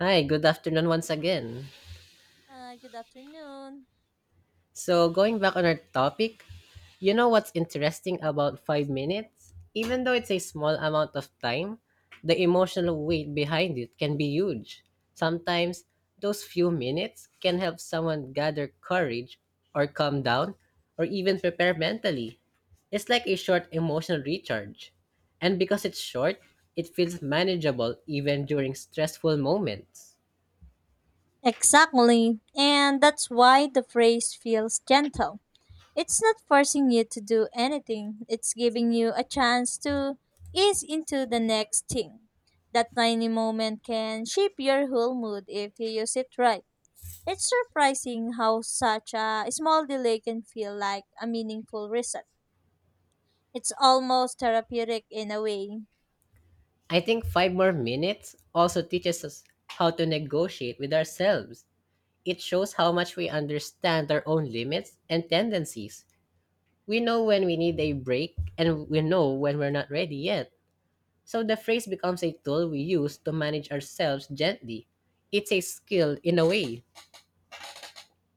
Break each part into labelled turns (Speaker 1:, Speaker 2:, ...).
Speaker 1: Hi, good afternoon once again.
Speaker 2: Hi, good afternoon.
Speaker 1: So, going back on our topic, you know what's interesting about 5 minutes? Even though it's a small amount of time, the emotional weight behind it can be huge. Sometimes, those few minutes can help someone gather courage or calm down or even prepare mentally. It's like a short emotional recharge. And because it's short, it feels manageable even during stressful moments.
Speaker 2: Exactly. And that's why the phrase feels gentle. It's not forcing you to do anything, it's giving you a chance to ease into the next thing. That tiny moment can shape your whole mood if you use it right. It's surprising how such a small delay can feel like a meaningful reset. It's almost therapeutic in a way.
Speaker 1: I think five more minutes also teaches us how to negotiate with ourselves. It shows how much we understand our own limits and tendencies. We know when we need a break and we know when we're not ready yet. So the phrase becomes a tool we use to manage ourselves gently. It's a skill in a way.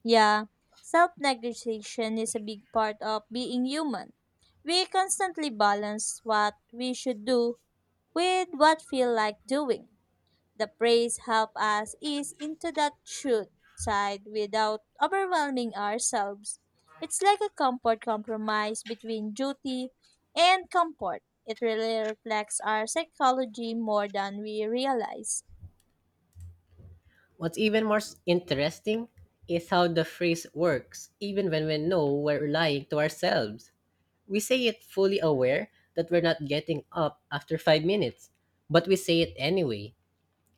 Speaker 2: Yeah, self negotiation is a big part of being human. We constantly balance what we should do with what feel like doing. The praise help us ease into that should side without overwhelming ourselves. It's like a comfort compromise between duty and comfort. It really reflects our psychology more than we realize.
Speaker 1: What's even more interesting is how the phrase works, even when we know we're lying to ourselves. We say it fully aware that we're not getting up after 5 minutes, but we say it anyway.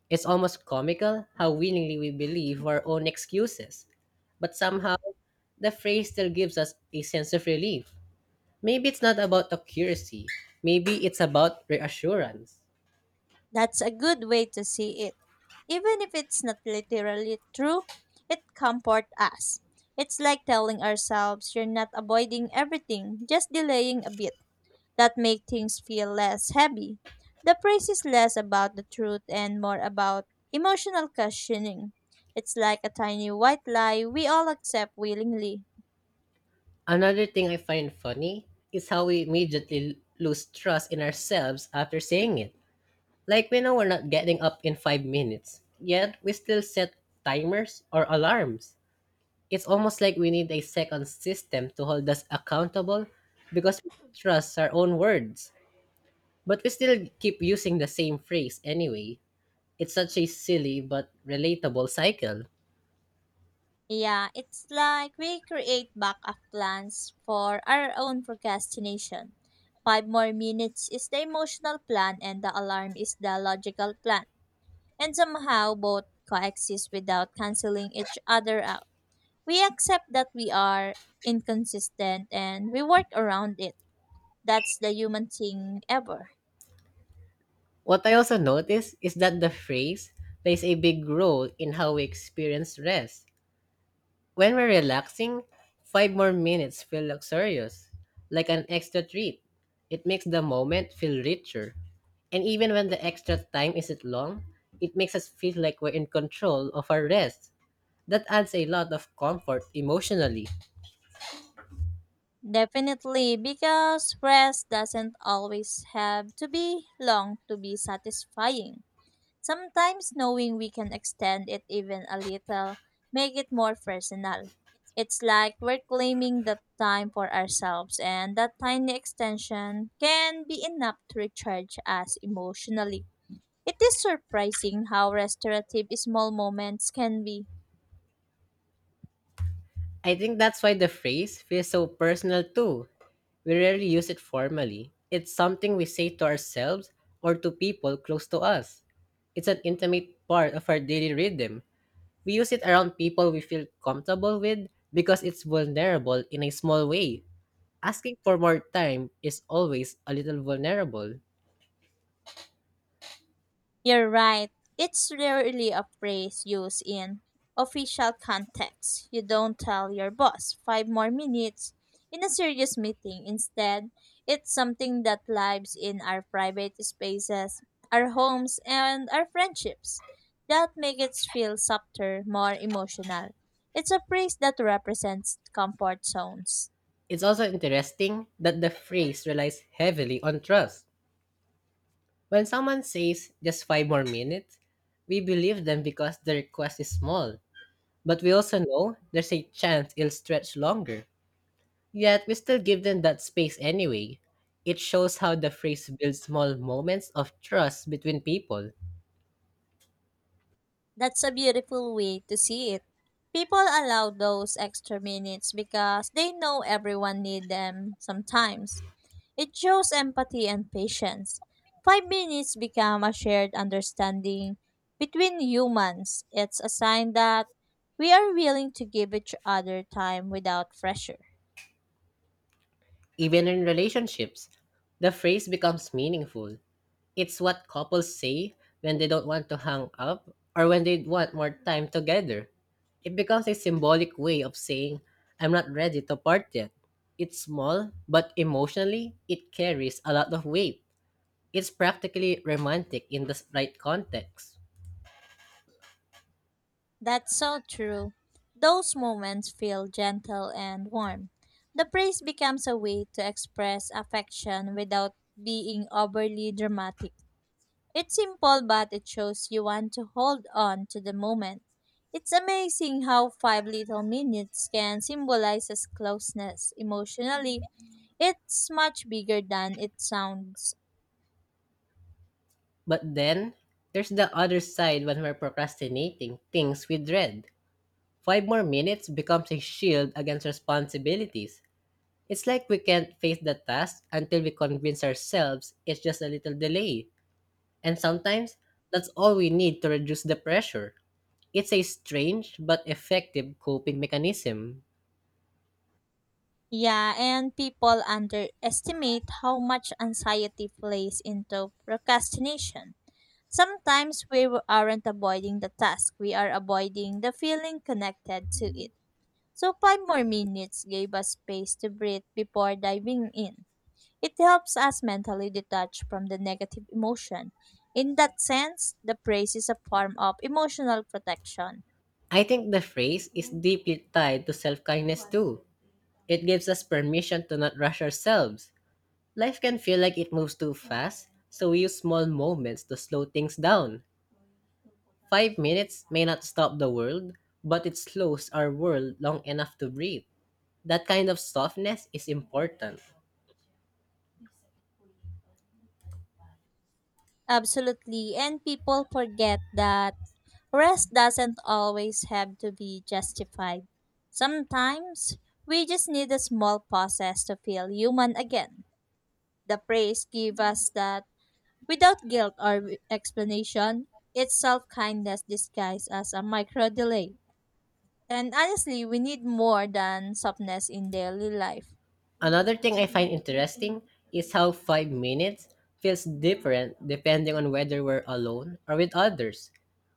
Speaker 1: It's almost comical how willingly we believe our own excuses. But somehow, the phrase still gives us a sense of relief. Maybe it's not about accuracy, maybe it's about reassurance.
Speaker 2: That's a good way to see it. Even if it's not literally true, it comforts us. It's like telling ourselves you're not avoiding everything, just delaying a bit. That make things feel less heavy. The praise is less about the truth and more about emotional cushioning. It's like a tiny white lie we all accept willingly.
Speaker 1: Another thing I find funny is how we immediately lose trust in ourselves after saying it. Like we know we're not getting up in 5 minutes, yet we still set timers or alarms. It's almost like we need a second system to hold us accountable because we trust our own words, but we still keep using the same phrase anyway. It's such a silly but relatable cycle.
Speaker 2: Yeah, it's like we create backup plans for our own procrastination. Five more minutes is the emotional plan, and the alarm is the logical plan. And somehow both coexist without canceling each other out. We accept that we are inconsistent and we work around it. That's the human thing ever.
Speaker 1: What I also notice is that the phrase plays a big role in how we experience rest. When we're relaxing, five more minutes feel luxurious, like an extra treat. It makes the moment feel richer. And even when the extra time isn't long, it makes us feel like we're in control of our rest. That adds a lot of comfort emotionally.
Speaker 2: Definitely, because rest doesn't always have to be long to be satisfying. Sometimes knowing we can extend it even a little make it more personal. It's like we're claiming the time for ourselves and that tiny extension can be enough to recharge us emotionally. It is surprising how restorative small moments can be.
Speaker 1: I think that's why the phrase feels so personal too. We rarely use it formally. It's something we say to ourselves or to people close to us. It's an intimate part of our daily rhythm. We use it around people we feel comfortable with because it's vulnerable in a small way. Asking for more time is always a little vulnerable.
Speaker 2: You're right. It's rarely a phrase used in official context. You don't tell your boss five more minutes in a serious meeting. Instead, it's something that lives in our private spaces, our homes, and our friendships. That makes it feel softer, more emotional. It's a phrase that represents comfort zones.
Speaker 1: It's also interesting that the phrase relies heavily on trust. When someone says just 5 more minutes, we believe them because the request is small. But we also know there's a chance it'll stretch longer. Yet we still give them that space anyway. It shows how the phrase builds small moments of trust between people.
Speaker 2: That's a beautiful way to see it. People allow those extra minutes because they know everyone needs them sometimes. It shows empathy and patience. 5 minutes become a shared understanding between humans. It's a sign that we are willing to give each other time without pressure.
Speaker 1: Even in relationships, the phrase becomes meaningful. It's what couples say when they don't want to hang up or when they want more time together. It becomes a symbolic way of saying, I'm not ready to part yet. It's small, but emotionally, it carries a lot of weight. It's practically romantic in the right context.
Speaker 2: That's so true. Those moments feel gentle and warm. The praise becomes a way to express affection without being overly dramatic. It's simple, but it shows you want to hold on to the moment. It's amazing how five little minutes can symbolize as closeness emotionally. It's much bigger than it sounds.
Speaker 1: But then, there's the other side when we're procrastinating things we dread. 5 more minutes becomes a shield against responsibilities. It's like we can't face the task until we convince ourselves it's just a little delay. And sometimes, that's all we need to reduce the pressure. It's a strange but effective coping mechanism.
Speaker 2: Yeah, and people underestimate how much anxiety plays into procrastination. Sometimes aren't avoiding the task, we are avoiding the feeling connected to it. So, five more minutes gave us space to breathe before diving in. It helps us mentally detach from the negative emotion. In that sense, the praise is a form of emotional protection.
Speaker 1: I think the phrase is deeply tied to self kindness too. It gives us permission to not rush ourselves. Life can feel like it moves too fast, so we use small moments to slow things down. 5 minutes may not stop the world, but it slows our world long enough to breathe. That kind of softness is important.
Speaker 2: Absolutely, and people forget that rest doesn't always have to be justified. Sometimes, we just need a small process to feel human again. The praise give us that without guilt or explanation, it's self kindness disguised as a micro delay. And honestly, we need more than softness in daily life.
Speaker 1: Another thing I find interesting is how 5 minutes feels different depending on whether we're alone or with others.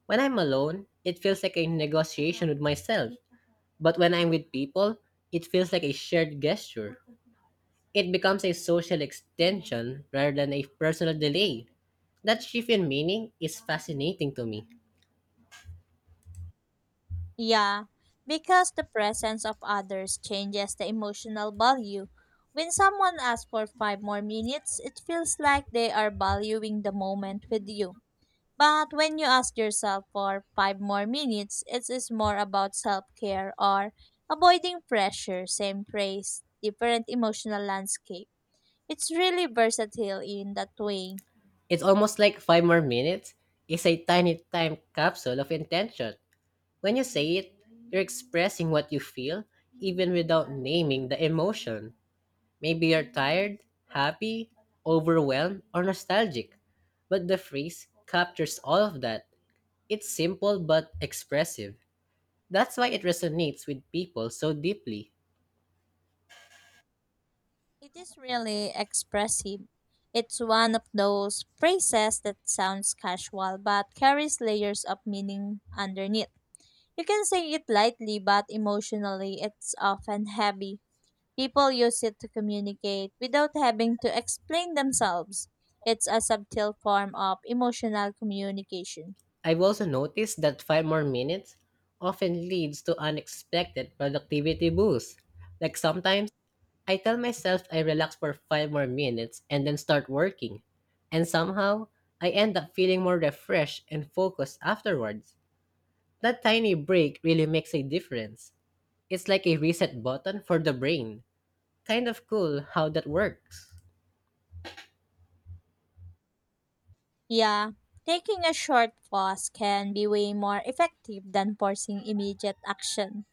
Speaker 1: When I'm alone, it feels like a negotiation with myself. But when I'm with people, it feels like a shared gesture. It becomes a social extension rather than a personal delay. That shift in meaning is fascinating to me.
Speaker 2: Yeah, because the presence of others changes the emotional value. When someone asks for five more minutes, it feels like they are valuing the moment with you. But when you ask yourself for five more minutes, it is more about self care or avoiding pressure, same praise, different emotional landscape. It's really versatile in that way.
Speaker 1: It's almost like 5 more minutes is a tiny time capsule of intention. When you say it, you're expressing what you feel, even without naming the emotion. Maybe you're tired, happy, overwhelmed, or nostalgic. But the phrase captures all of that. It's simple but expressive. That's why it resonates with people so deeply.
Speaker 2: It is really expressive. It's one of those phrases that sounds casual but carries layers of meaning underneath. You can say it lightly, but emotionally, it's often heavy. People use it to communicate without having to explain themselves. It's a subtle form of emotional communication.
Speaker 1: I've also noticed that 5 more minutes often leads to unexpected productivity boosts. Like sometimes, I tell myself I relax for 5 more minutes and then start working. And somehow, I end up feeling more refreshed and focused afterwards. That tiny break really makes a difference. It's like a reset button for the brain. Kind of cool how that works.
Speaker 2: Yeah, taking a short pause can be way more effective than forcing immediate action.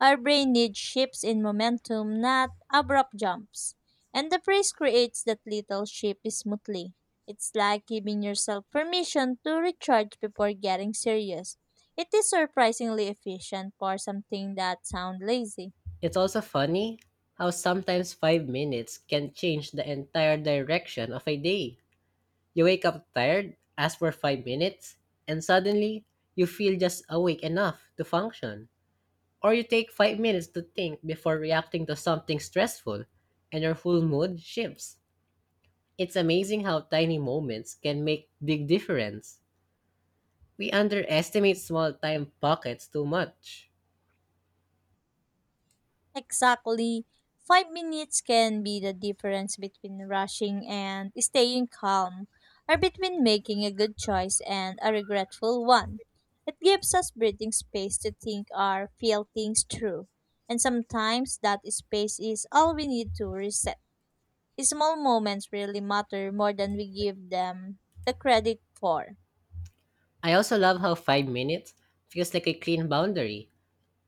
Speaker 2: Our brain needs shifts in momentum, not abrupt jumps. And the praise creates that little shift smoothly. It's like giving yourself permission to recharge before getting serious. It is surprisingly efficient for something that sounds lazy.
Speaker 1: It's also funny how sometimes 5 minutes can change the entire direction of a day. You wake up tired, ask for 5 minutes, and suddenly you feel just awake enough to function. Or you take 5 minutes to think before reacting to something stressful, and your whole mood shifts. It's amazing how tiny moments can make big difference. We underestimate small time pockets too much.
Speaker 2: Exactly. 5 minutes can be the difference between rushing and staying calm, or between making a good choice and a regretful one. It gives us breathing space to think or feel things through, and sometimes that space is all we need to reset. Small moments really matter more than we give them the credit for.
Speaker 1: I also love how 5 minutes feels like a clean boundary.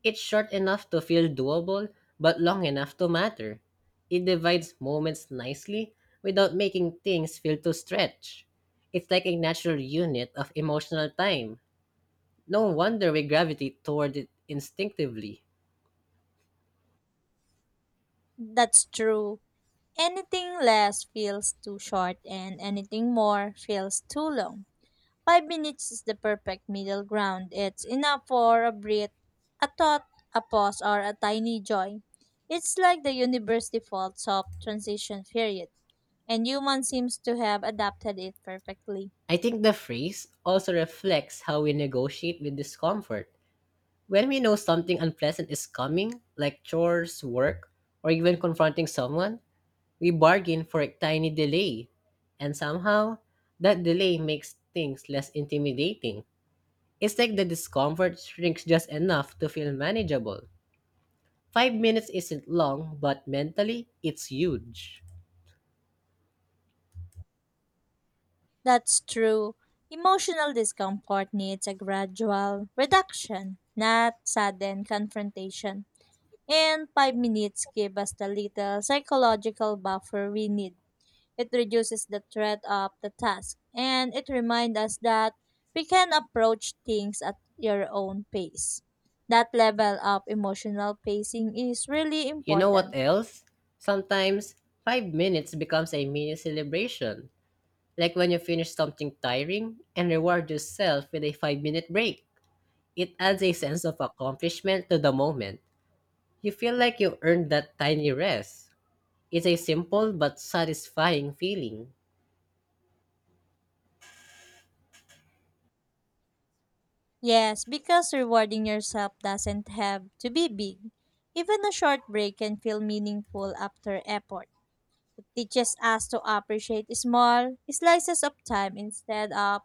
Speaker 1: It's short enough to feel doable, but long enough to matter. It divides moments nicely without making things feel too stretched. It's like a natural unit of emotional time. No wonder we gravitate toward it instinctively.
Speaker 2: That's true. Anything less feels too short, and anything more feels too long. 5 minutes is the perfect middle ground. It's enough for a breath, a thought, a pause, or a tiny joy. It's like the universe defaults of transition period, and human seems to have adapted it perfectly.
Speaker 1: I think the phrase also reflects how we negotiate with discomfort. When we know something unpleasant is coming, like chores, work, or even confronting someone, we bargain for a tiny delay. And somehow, that delay makes things less intimidating. It's like the discomfort shrinks just enough to feel manageable. 5 minutes isn't long, but mentally, it's huge.
Speaker 2: That's true. Emotional discomfort needs a gradual reduction, not sudden confrontation. And 5 minutes give us the little psychological buffer we need. It reduces the threat of the task and it reminds us that we can approach things at your own pace. That level of emotional pacing is really
Speaker 1: You know what
Speaker 2: important.
Speaker 1: else? Sometimes, 5 minutes becomes a mini celebration. Like when you finish something tiring and reward yourself with a 5 minute break. It adds a sense of accomplishment to the moment. You feel like you earned that tiny rest. It's a simple but satisfying feeling.
Speaker 2: Yes, because rewarding yourself doesn't have to be big. Even a short break can feel meaningful after effort. It teaches us to appreciate small slices of time instead of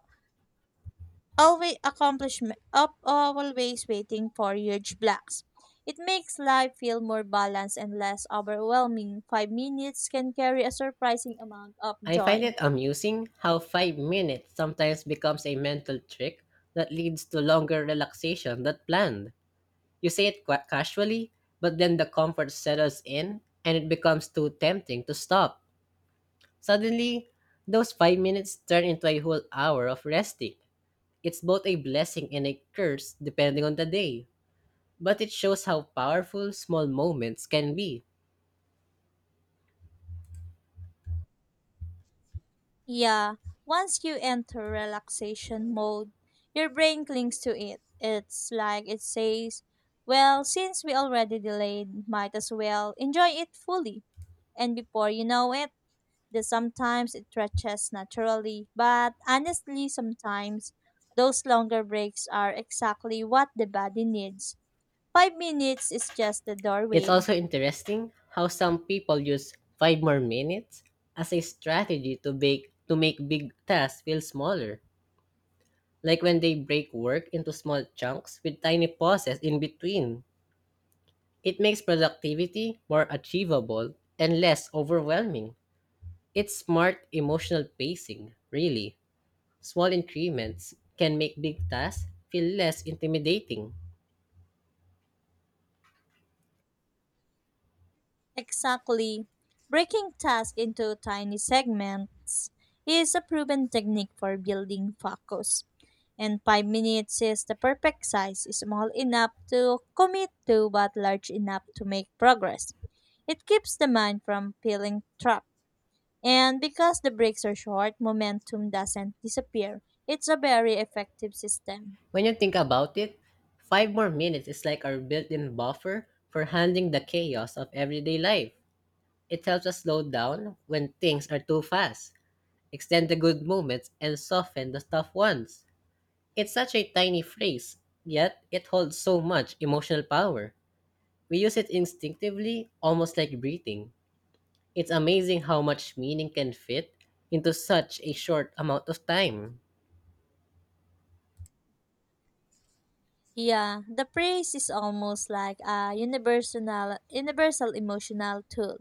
Speaker 2: always accomplishment of always waiting for huge blocks. It makes life feel more balanced and less overwhelming. 5 minutes can carry a surprising amount of
Speaker 1: I find
Speaker 2: joy.
Speaker 1: it amusing how 5 minutes sometimes becomes a mental trick that leads to longer relaxation than planned. You say it qua casually, but then the comfort settles in and it becomes too tempting to stop. Suddenly, those 5 minutes turn into a whole hour of resting. It's both a blessing and a curse depending on the day, but it shows how powerful small moments can be.
Speaker 2: Yeah, once you enter relaxation mode, your brain clings to it. It's like it says, well, since we already delayed, might as well enjoy it fully. And before you know it, the sometimes it stretches naturally, but honestly, sometimes those longer breaks are exactly what the body needs. 5 minutes is just the
Speaker 1: It's
Speaker 2: doorway.
Speaker 1: also interesting how some people use 5 more minutes as a strategy to make big tasks feel smaller, like when they break work into small chunks with tiny pauses in between. It makes productivity more achievable and less overwhelming. It's smart emotional pacing, really. Small increments can make big tasks feel less intimidating.
Speaker 2: Exactly. Breaking tasks into tiny segments is a proven technique for building focus. And 5 minutes is the perfect size, small enough to commit to but large enough to make progress. It keeps the mind from feeling trapped. And because the breaks are short, momentum doesn't disappear. It's a very effective system.
Speaker 1: When you think about it, 5 more minutes is like our built in buffer for handling the chaos of everyday life. It helps us slow down when things are too fast, extend the good moments, and soften the tough ones. It's such a tiny phrase, yet it holds so much emotional power. We use it instinctively, almost like breathing. It's amazing how much meaning can fit into such a short amount of time.
Speaker 2: Yeah, the praise is almost like a universal emotional tool.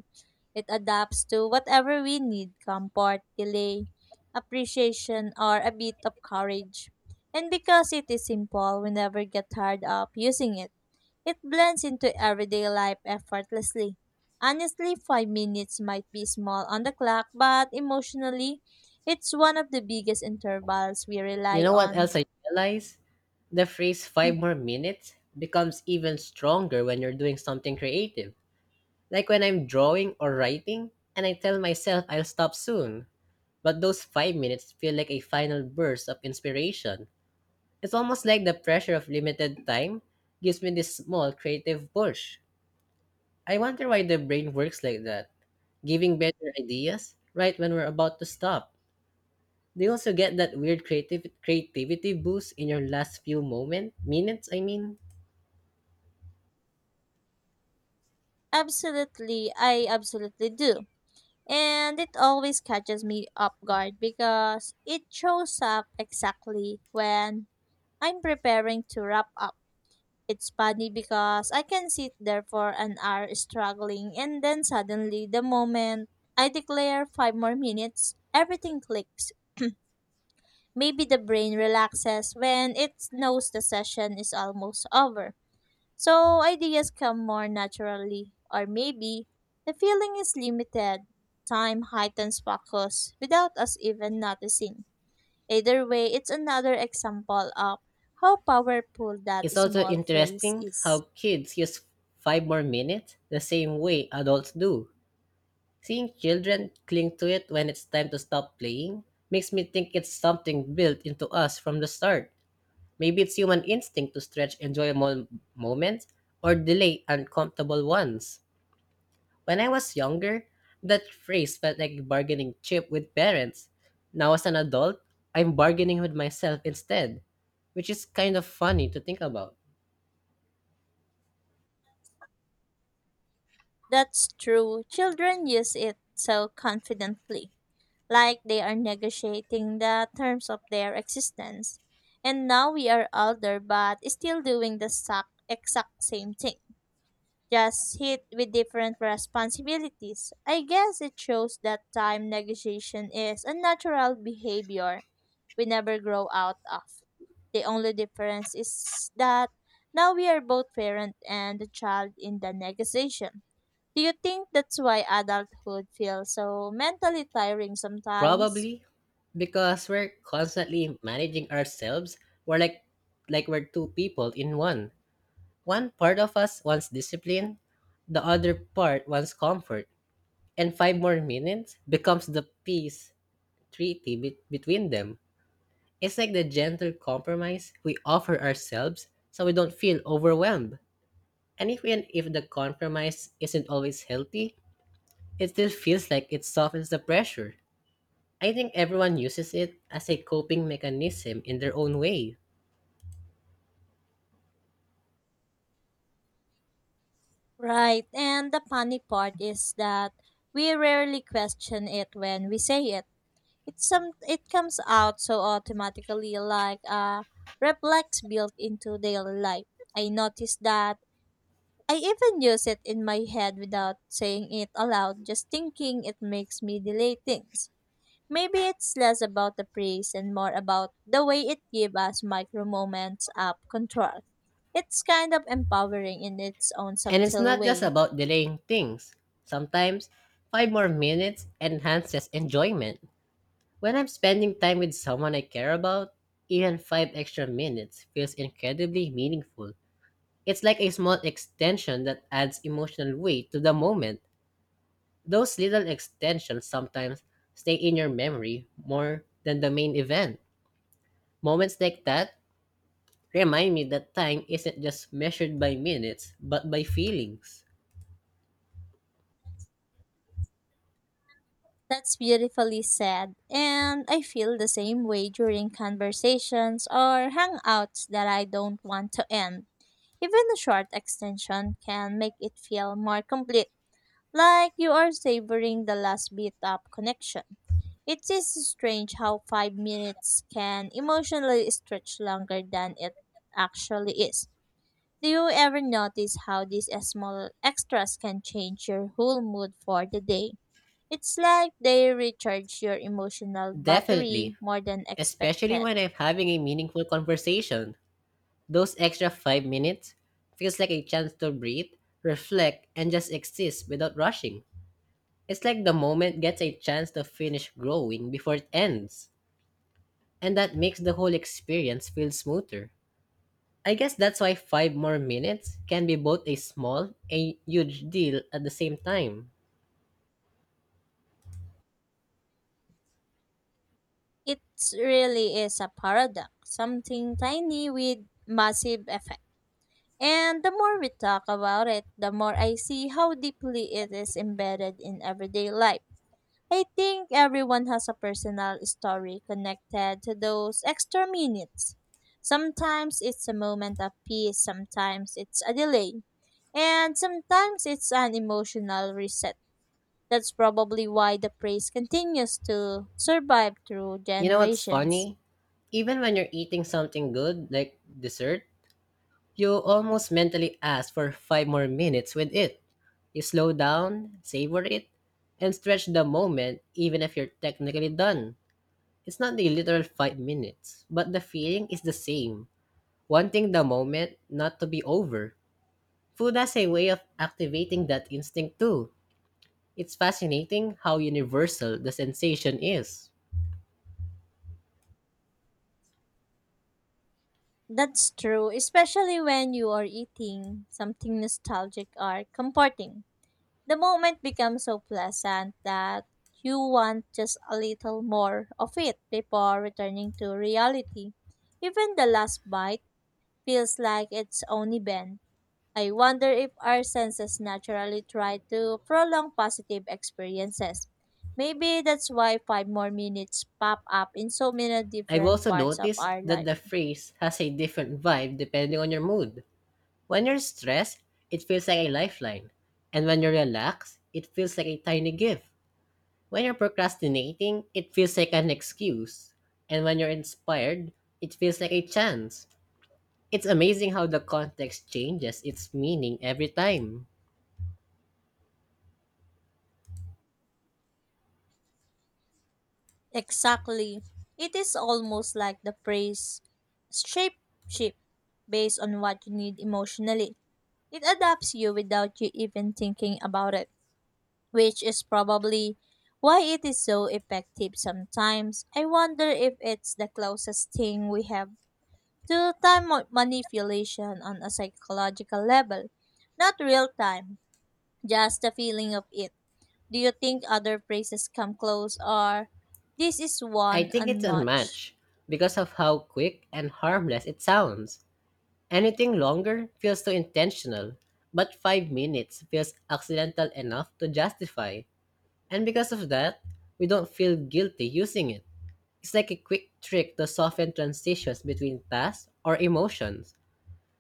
Speaker 2: It adapts to whatever we need, comfort, delay, appreciation, or a bit of courage. And because it is simple, we never get tired of using it. It blends into everyday life effortlessly. Honestly, 5 minutes might be small on the clock, but emotionally, it's one of the biggest intervals we
Speaker 1: You
Speaker 2: rely
Speaker 1: know what
Speaker 2: on.
Speaker 1: else I realize? The phrase five more minutes becomes even stronger when you're doing something creative. Like when I'm drawing or writing, and I tell myself I'll stop soon. But those 5 minutes feel like a final burst of inspiration. It's almost like the pressure of limited time gives me this small creative push. I wonder why the brain works like that, giving better ideas right when we're about to stop. They also get that weird creative creativity boost in your last few moment minutes. I mean,
Speaker 2: Absolutely, I absolutely do. And it always catches me off guard because it shows up exactly when I'm preparing to wrap up. It's funny because I can sit there for an hour struggling, and then suddenly, the moment I declare five more minutes, everything clicks. Maybe the brain relaxes when it knows the session is almost over. So ideas come more naturally, or maybe the feeling is limited. Time heightens focus without us even noticing. Either way, it's another example of how powerful that
Speaker 1: it's also
Speaker 2: small phrase
Speaker 1: interesting
Speaker 2: is.
Speaker 1: how kids use 5 more minutes the same way adults do. Seeing children cling to it when it's time to stop playing makes me think it's something built into us from the start. Maybe it's human instinct to stretch enjoyable moments or delay uncomfortable ones. When I was younger, that phrase felt like bargaining chip with parents. Now, as an adult, I'm bargaining with myself instead, which is kind of funny to think about.
Speaker 2: That's true. Children use it so confidently, like they are negotiating the terms of their existence. And now we are older but still doing the exact same thing. Just hit with different responsibilities. I guess it shows that time negotiation is a natural behavior we never grow out of. The only difference is that now we are both parent and the child in the negotiation. Do you think that's why adulthood feels so mentally tiring sometimes?
Speaker 1: Probably because we're constantly managing ourselves. We're like we're two people in one. One part of us wants discipline, the other part wants comfort. And 5 more minutes becomes the peace treaty between them. It's like the gentle compromise we offer ourselves so we don't feel overwhelmed. And even if the compromise isn't always healthy, it still feels like it softens the pressure. I think everyone uses it as a coping mechanism in their own way.
Speaker 2: Right, and the funny part is that we rarely question it when we say it. It comes out so automatically like a reflex built into daily life. I notice that I even use it in my head without saying it aloud, just thinking it makes me delay things. Maybe it's less about the praise and more about the way it gives us micro moments of control. It's kind of empowering in its own
Speaker 1: And it's
Speaker 2: subtle
Speaker 1: not just
Speaker 2: way.
Speaker 1: about delaying things. Sometimes, five more minutes enhances enjoyment. When I'm spending time with someone I care about, even 5 extra minutes feels incredibly meaningful. It's like a small extension that adds emotional weight to the moment. Those little extensions sometimes stay in your memory more than the main event. Moments like that remind me that time isn't just measured by minutes, but by feelings.
Speaker 2: That's beautifully said. And I feel the same way during conversations or hangouts that I don't want to end. Even a short extension can make it feel more complete, like you are savoring the last bit of connection. It is strange how 5 minutes can emotionally stretch longer than it actually is. Do you ever notice how these small extras can change your whole mood for the day? It's like they recharge your emotional
Speaker 1: Definitely,
Speaker 2: battery more than
Speaker 1: especially
Speaker 2: expected.
Speaker 1: when I'm having a meaningful conversation. Those extra 5 minutes feels like a chance to breathe, reflect, and just exist without rushing. It's like the moment gets a chance to finish growing before it ends, and that makes the whole experience feel smoother. I guess that's why 5 more minutes can be both a small and huge deal at the same time.
Speaker 2: It really is a paradox, something tiny with massive effect. And the more we talk about it, the more I see how deeply it is embedded in everyday life. I think everyone has a personal story connected to those extra minutes. Sometimes it's a moment of peace, sometimes it's a delay, and sometimes it's an emotional reset. That's probably why the praise continues to survive through
Speaker 1: You know what's
Speaker 2: generations.
Speaker 1: funny? Even when you're eating something good, like dessert, you almost mentally ask for 5 more minutes with it. You slow down, savor it, and stretch the moment even if you're technically done. It's not the literal 5 minutes, but the feeling is the same, wanting the moment not to be over. Food has a way of activating that instinct too. It's fascinating how universal the sensation is.
Speaker 2: That's true, especially when you are eating something nostalgic or comforting. The moment becomes so pleasant that you want just a little more of it before returning to reality. Even the last bite feels like it's only been. I wonder if our senses naturally try to prolong positive experiences. Maybe that's why five more minutes pop up in so many
Speaker 1: I've
Speaker 2: different
Speaker 1: also
Speaker 2: parts of
Speaker 1: noticed
Speaker 2: our
Speaker 1: that
Speaker 2: life.
Speaker 1: the phrase has a different vibe depending on your mood. When you're stressed, it feels like a lifeline. And when you're relaxed, it feels like a tiny gift. When you're procrastinating, it feels like an excuse. And when you're inspired, it feels like a chance. It's amazing how the context changes its meaning every time.
Speaker 2: Exactly. It is almost like the phrase shape shift based on what you need emotionally. It adapts you without you even thinking about it, which is probably why it is so effective sometimes. I wonder if it's the closest thing we have to time manipulation on a psychological level, not real time, just the feeling of it. Do you think other phrases come close or this is
Speaker 1: I
Speaker 2: one
Speaker 1: think it's
Speaker 2: unmatched?
Speaker 1: unmatched because of how quick and harmless it sounds. Anything longer feels too intentional, but 5 minutes feels accidental enough to justify. And because of that, we don't feel guilty using it. It's like a quick trick to soften transitions between tasks or emotions.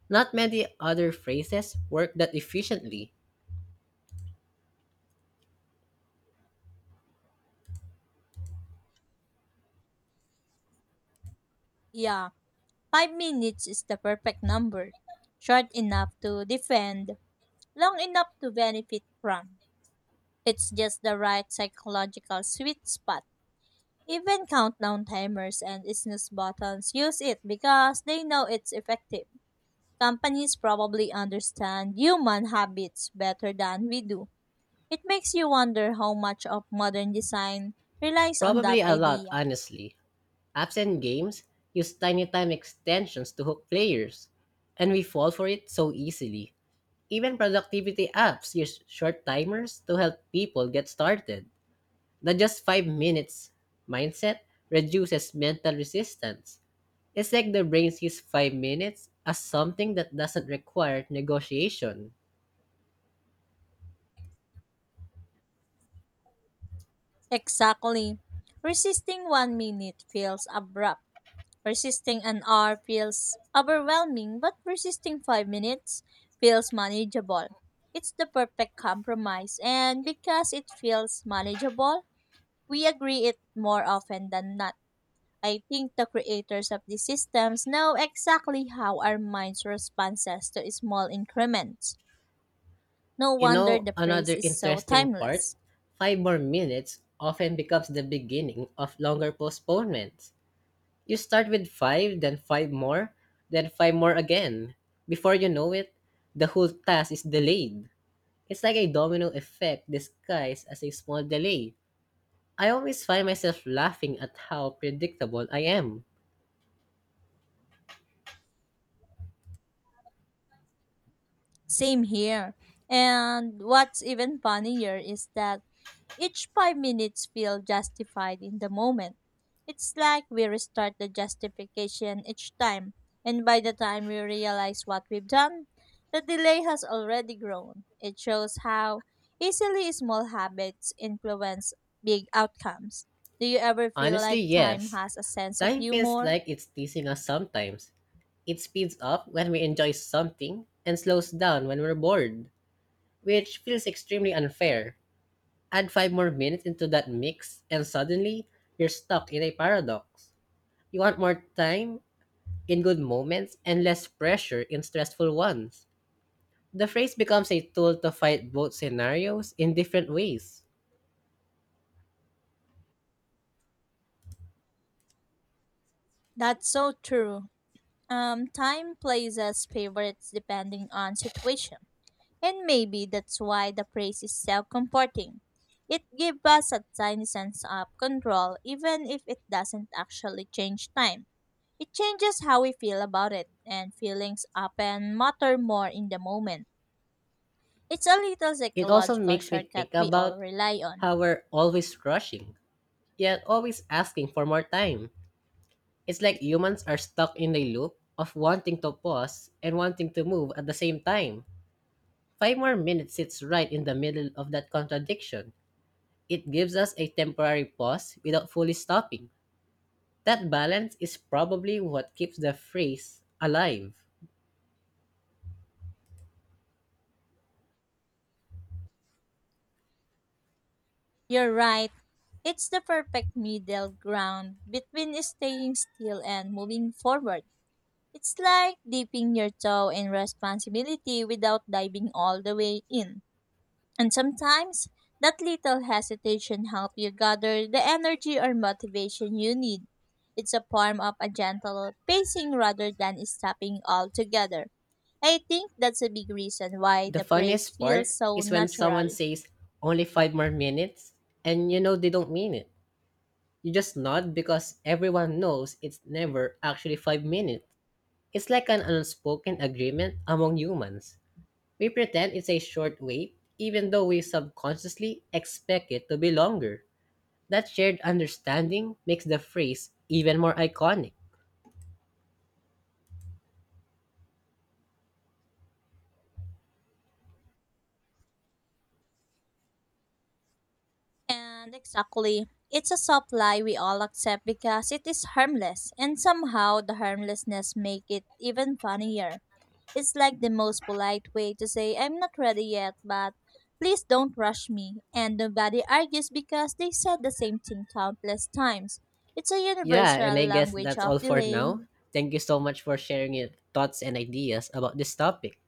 Speaker 1: Not many other phrases work that efficiently.
Speaker 2: Yeah, 5 minutes is the perfect number. Short enough to defend, long enough to benefit from. It's just the right psychological sweet spot. Even countdown timers and snooze buttons use it because they know it's effective. Companies probably understand human habits better than we do. It makes you wonder how much of modern design relies on
Speaker 1: Probably
Speaker 2: that
Speaker 1: a lot,
Speaker 2: idea.
Speaker 1: honestly. Apps and games use tiny time extensions to hook players, and we fall for it so easily. Even productivity apps use short timers to help people get started. The just 5 minutes mindset reduces mental resistance. It's like the brain sees 5 minutes as something that doesn't require negotiation.
Speaker 2: Exactly. Resisting 1 minute feels abrupt. Resisting an hour feels overwhelming, but resisting 5 minutes feels manageable. It's the perfect compromise, and because it feels manageable, we agree it more often than not. I think the creators of these systems know exactly how our minds responds to small increments. No
Speaker 1: You
Speaker 2: wonder
Speaker 1: know,
Speaker 2: the praise
Speaker 1: another
Speaker 2: is so
Speaker 1: interesting part,
Speaker 2: timeless.
Speaker 1: 5 more minutes often becomes the beginning of longer postponements. You start with five, then five more again. Before you know it, the whole task is delayed. It's like a domino effect disguised as a small delay. I always find myself laughing at how predictable I am.
Speaker 2: Same here. And what's even funnier is that each 5 minutes feel justified in the moment. It's like we restart the justification each time, and by the time we realize what we've done, the delay has already grown. It shows how easily small habits influence big outcomes. Do you ever feel
Speaker 1: Honestly,
Speaker 2: like time
Speaker 1: yes.
Speaker 2: has a sense of
Speaker 1: Time feels
Speaker 2: humor?
Speaker 1: like it's teasing us sometimes. It speeds up when we enjoy something and slows down when we're bored, which feels extremely unfair. Add 5 more minutes into that mix, and suddenly, you're stuck in a paradox. You want more time in good moments and less pressure in stressful ones. The phrase becomes a tool to fight both scenarios in different ways.
Speaker 2: That's so true. Time plays us favorites depending on situation. And maybe that's why the praise is self comforting. It gives us a tiny sense of control, even if it doesn't actually change time. It changes how we feel about it, and feelings often matter more in the moment. It's a little
Speaker 1: It also
Speaker 2: psychological
Speaker 1: makes me
Speaker 2: shortcut
Speaker 1: think
Speaker 2: we all
Speaker 1: about
Speaker 2: rely on.
Speaker 1: how we're always rushing, yet always asking for more time. It's like humans are stuck in the loop of wanting to pause and wanting to move at the same time. 5 more minutes sits right in the middle of that contradiction. It gives us a temporary pause without fully stopping. That balance is probably what keeps the phrase alive.
Speaker 2: You're right. It's the perfect middle ground between staying still and moving forward. It's like dipping your toe in responsibility without diving all the way in. And sometimes that little hesitation helps you gather the energy or motivation you need. It's a form of a gentle pacing rather than stopping altogether. I think that's a big reason why
Speaker 1: The
Speaker 2: the praise
Speaker 1: funniest part
Speaker 2: feels so
Speaker 1: is when someone
Speaker 2: natural.
Speaker 1: says, only 5 more minutes, and you know they don't mean it. You just nod because everyone knows it's never actually 5 minutes. It's like an unspoken agreement among humans. We pretend it's a short wait, even though we subconsciously expect it to be longer. That shared understanding makes the phrase even more iconic.
Speaker 2: And exactly, it's a soft lie we all accept because it is harmless, and somehow the harmlessness make it even funnier. It's like the most polite way to say I'm not ready yet, but please don't rush me. And nobody argues because they said the same thing countless times. It's a
Speaker 1: Yeah,
Speaker 2: universal
Speaker 1: and I guess
Speaker 2: language
Speaker 1: that's
Speaker 2: of
Speaker 1: all for
Speaker 2: delay.
Speaker 1: now. Thank you so much for sharing your thoughts and ideas about this topic.